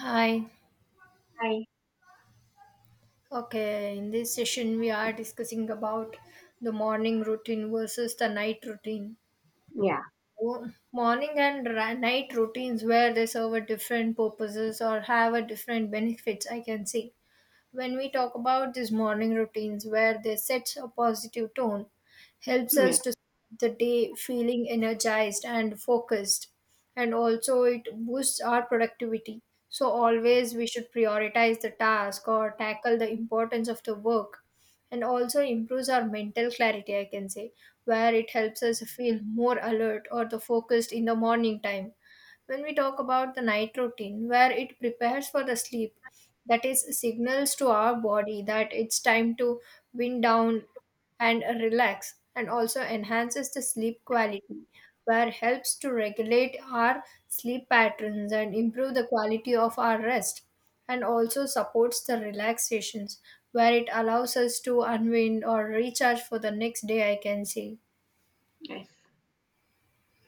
Hi. Hi. Okay, in this session we are discussing about the morning routine versus the night routine. Yeah. Morning and night routines, where they serve a different purposes or have a different benefits, I can say. When we talk about these morning routines, where they set a positive tone, helps us Yes. to start the day feeling energized and focused, and also it boosts our productivity. So always we should prioritize the task or tackle the importance of the work, and also improves our mental clarity, I can say, where it helps us feel more alert or the focused in the morning time. When we talk about the night routine, where it prepares for the sleep, that is signals to our body that it's time to wind down and relax, and also enhances the sleep quality, where helps to regulate our sleep patterns and improve the quality of our rest, and also supports the relaxations, where it allows us to unwind or recharge for the next day, I can say. Yes.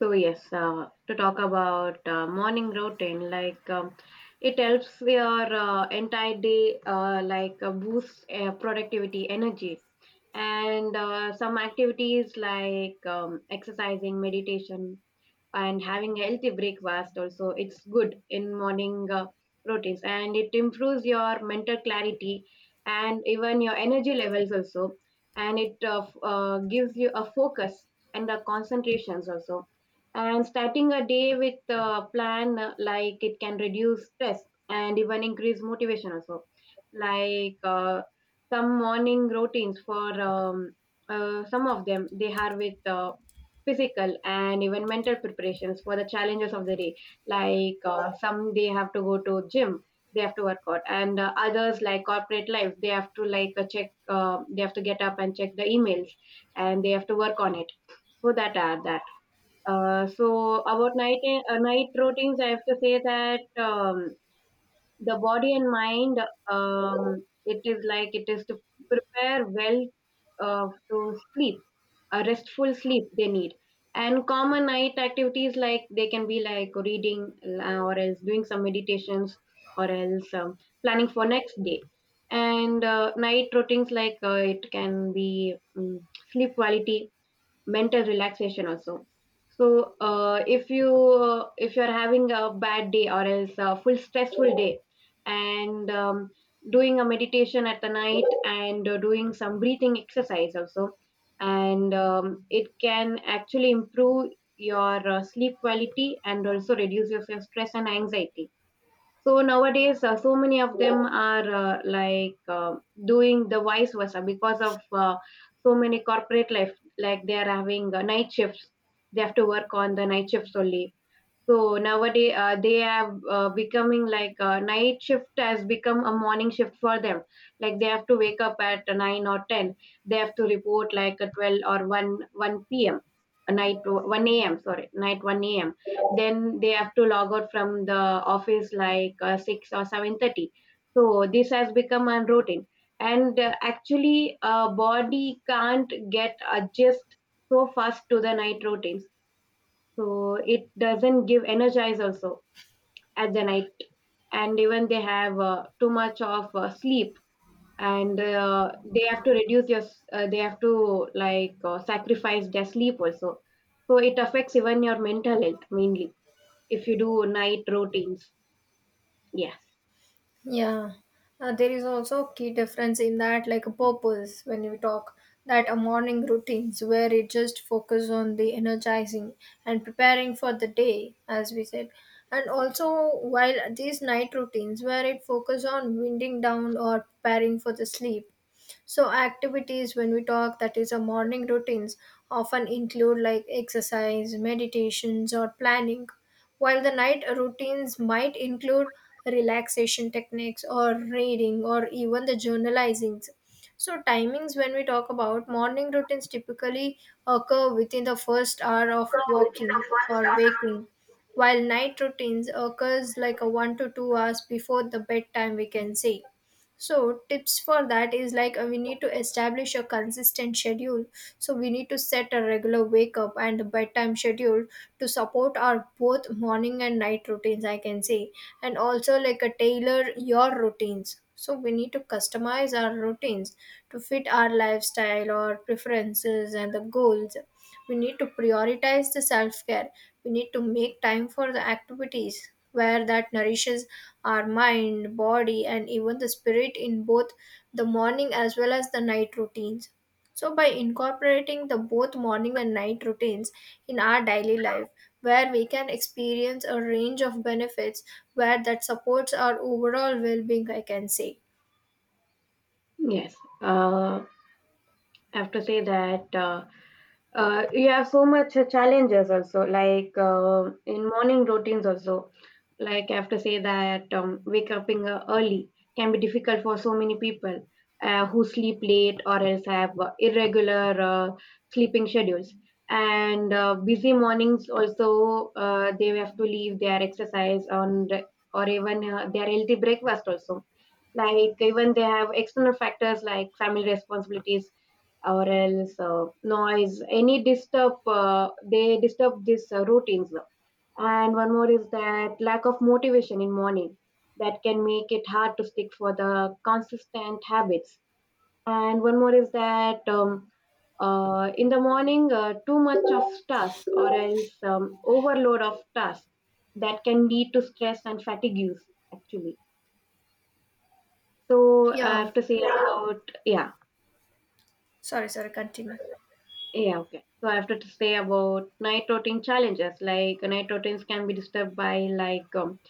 So yes, to talk about morning routine, it helps your entire day, boost productivity, energy, and some activities like exercising, meditation, and having healthy breakfast. Also it's good in morning routines, and it improves your mental clarity and even your energy levels also. And it gives you a focus and the concentrations also. And starting a day with a plan, it can reduce stress and even increase motivation also. like uh, some morning routines for some of them, they have with physical and even mental preparations for the challenges of the day. Like some, they have to go to gym, they have to work out. And others, like corporate life, they have to, like check they have to get up and check the emails, and they have to work on it. So that are that. So about night, night routines, I have to say that the body and mind, it is like it is to prepare well to sleep. A restful sleep they need. And common night activities, like they can be like reading, or else doing some meditations, or else planning for next day. And night routines, like it can be sleep quality, mental relaxation also. So if you're having a bad day or else a full stressful day, and doing a meditation at the night and doing some breathing exercise also, and it can actually improve your sleep quality and also reduces your stress and anxiety. So nowadays, so many of them are doing the vice versa because of so many corporate life. Like they are having night shifts, they have to work on the night shifts only. So nowadays, they have becoming, night shift has become a morning shift for them. Like they have to wake up at 9 or 10. They have to report like a 12 or one p.m., night 1 a.m. Sorry, night 1 a.m. Then they have to log out from the office like 6 or 7:30. So this has become a routine, and actually, body can't get adjust so fast to the night routines, so it doesn't give energize also at the night. And even they have too much of sleep, and they have to they have to sacrifice their sleep also. So it affects even your mental health, mainly if you do night routines. Yes. Yeah, there is also a key difference in that, like a purpose when we talk, that a morning routines where it just focus on the energizing and preparing for the day, as we said, and also while these night routines where it focus on winding down or preparing for the sleep. So activities when we talk, that is a morning routines, often include like exercise, meditations or planning, while the night routines might include relaxation techniques or reading or even the journalizing. So timings when we talk about morning routines typically occur within the first hour of walking or waking, while night routines occurs like a 1 to 2 hours before the bedtime, we can say. So tips for that is like we need to establish a consistent schedule, so we need to set a regular wake up and bedtime schedule to support our both morning and night routines, I can say. And also, like a tailor your routines, so we need to customize our routines to fit our lifestyle or preferences and the goals. We need to prioritize the self care. We need to make time for the activities where that nourishes our mind, body and even the spirit in both the morning as well as the night routines. So by incorporating the both morning and night routines in our daily life, where we can experience a range of benefits, where that supports our overall well-being, I can say. Yes. uh, I have to say that you have so much challenges also, in morning routines also. Like I have to say that wake up in, early can be difficult for so many people who sleep late or else have irregular sleeping schedules. And busy mornings also, they have to leave their exercise on the, or even their healthy breakfast also. Like even they have external factors like family responsibilities, or else noise, any disturb, they disturb these routines. And one more is that lack of motivation in morning, that can make it hard to stick for the consistent habits. And one more is that in the morning, too much of task or else overload of task, that can lead to stress and fatigues actually. So I Yeah. have to say about, yeah. Sorry, continue. Yeah, okay. So I have to say about night routine challenges. Like night routines can be disturbed by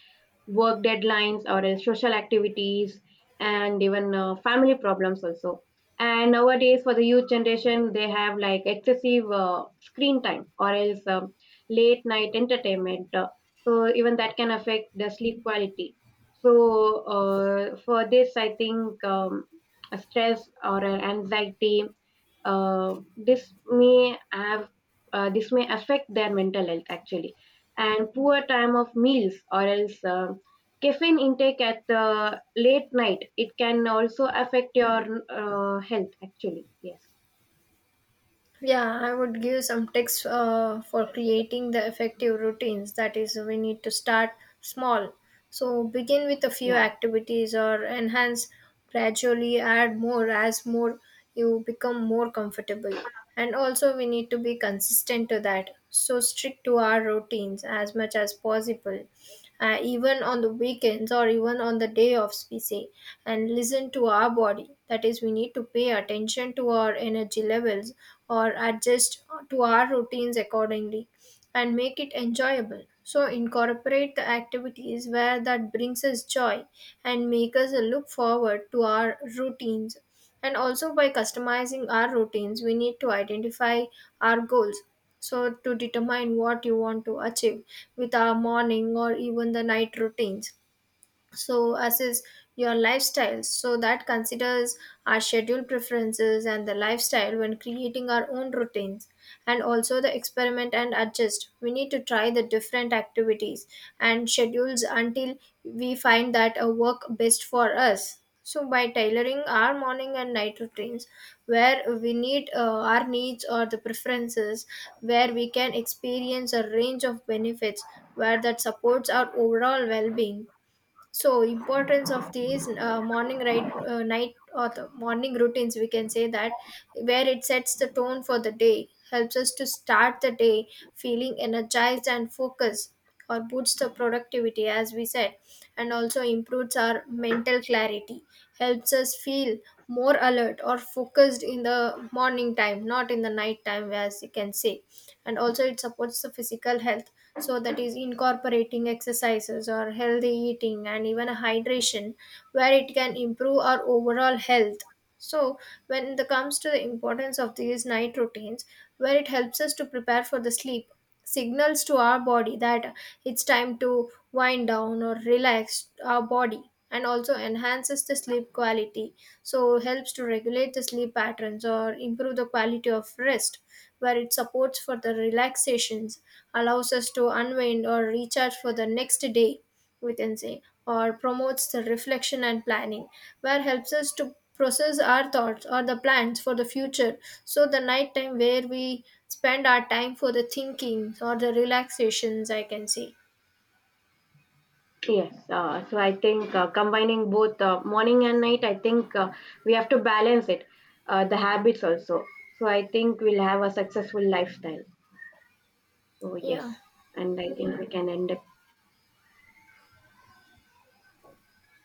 work deadlines or social activities and even family problems also. And nowadays, for the youth generation, they have like excessive screen time or else late night entertainment. So even that can affect the sleep quality. So for this, I think stress or anxiety, this may have, this may affect their mental health actually. And poor time of meals, or else caffeine intake at the late night, it can also affect your health actually. Yes. Yeah, I would give some tips for creating the effective routines. That is, we need to start small. So, begin with a few Yeah. activities or enhance, gradually add more as more you become more comfortable. And also, we need to be consistent to that. So, stick to our routines as much as possible, even on the weekends or even on the day of we, and listen to our body. That is, we need to pay attention to our energy levels or adjust to our routines accordingly, and make it enjoyable. So incorporate the activities where that brings us joy and make us look forward to our routines. And also, by customizing our routines, we need to identify our goals, so to determine what you want to achieve with our morning or even the night routines. So as is your lifestyle, so that considers our schedule preferences and the lifestyle when creating our own routines. And also the experiment and adjust, we need to try the different activities and schedules until we find that a work best for us. So by tailoring our morning and night routines, where we need our needs or the preferences, where we can experience a range of benefits, where that supports our overall well-being. So importance of these morning, night or the morning routines, we can say that, where it sets the tone for the day, helps us to start the day feeling energized and focused, or boosts the productivity, as we said, and also improves our mental clarity, helps us feel more alert or focused in the morning time, not in the night time, as you can say. And also it supports the physical health. So that is incorporating exercises or healthy eating and even a hydration, where it can improve our overall health. So when it comes to the importance of these night routines, where it helps us to prepare for the sleep, signals to our body that it's time to wind down or relax our body, and also enhances the sleep quality, so helps to regulate the sleep patterns or improve the quality of rest, where it supports for the relaxations, allows us to unwind or recharge for the next day, we can say, or promotes the reflection and planning, where helps us to process our thoughts or the plans for the future. So the night time where we spend our time for the thinking or the relaxations, I can say. Yes. So I think combining both morning and night, I think we have to balance it, the habits also. So I think we'll have a successful lifestyle. So yes. Yeah. And I think we can end.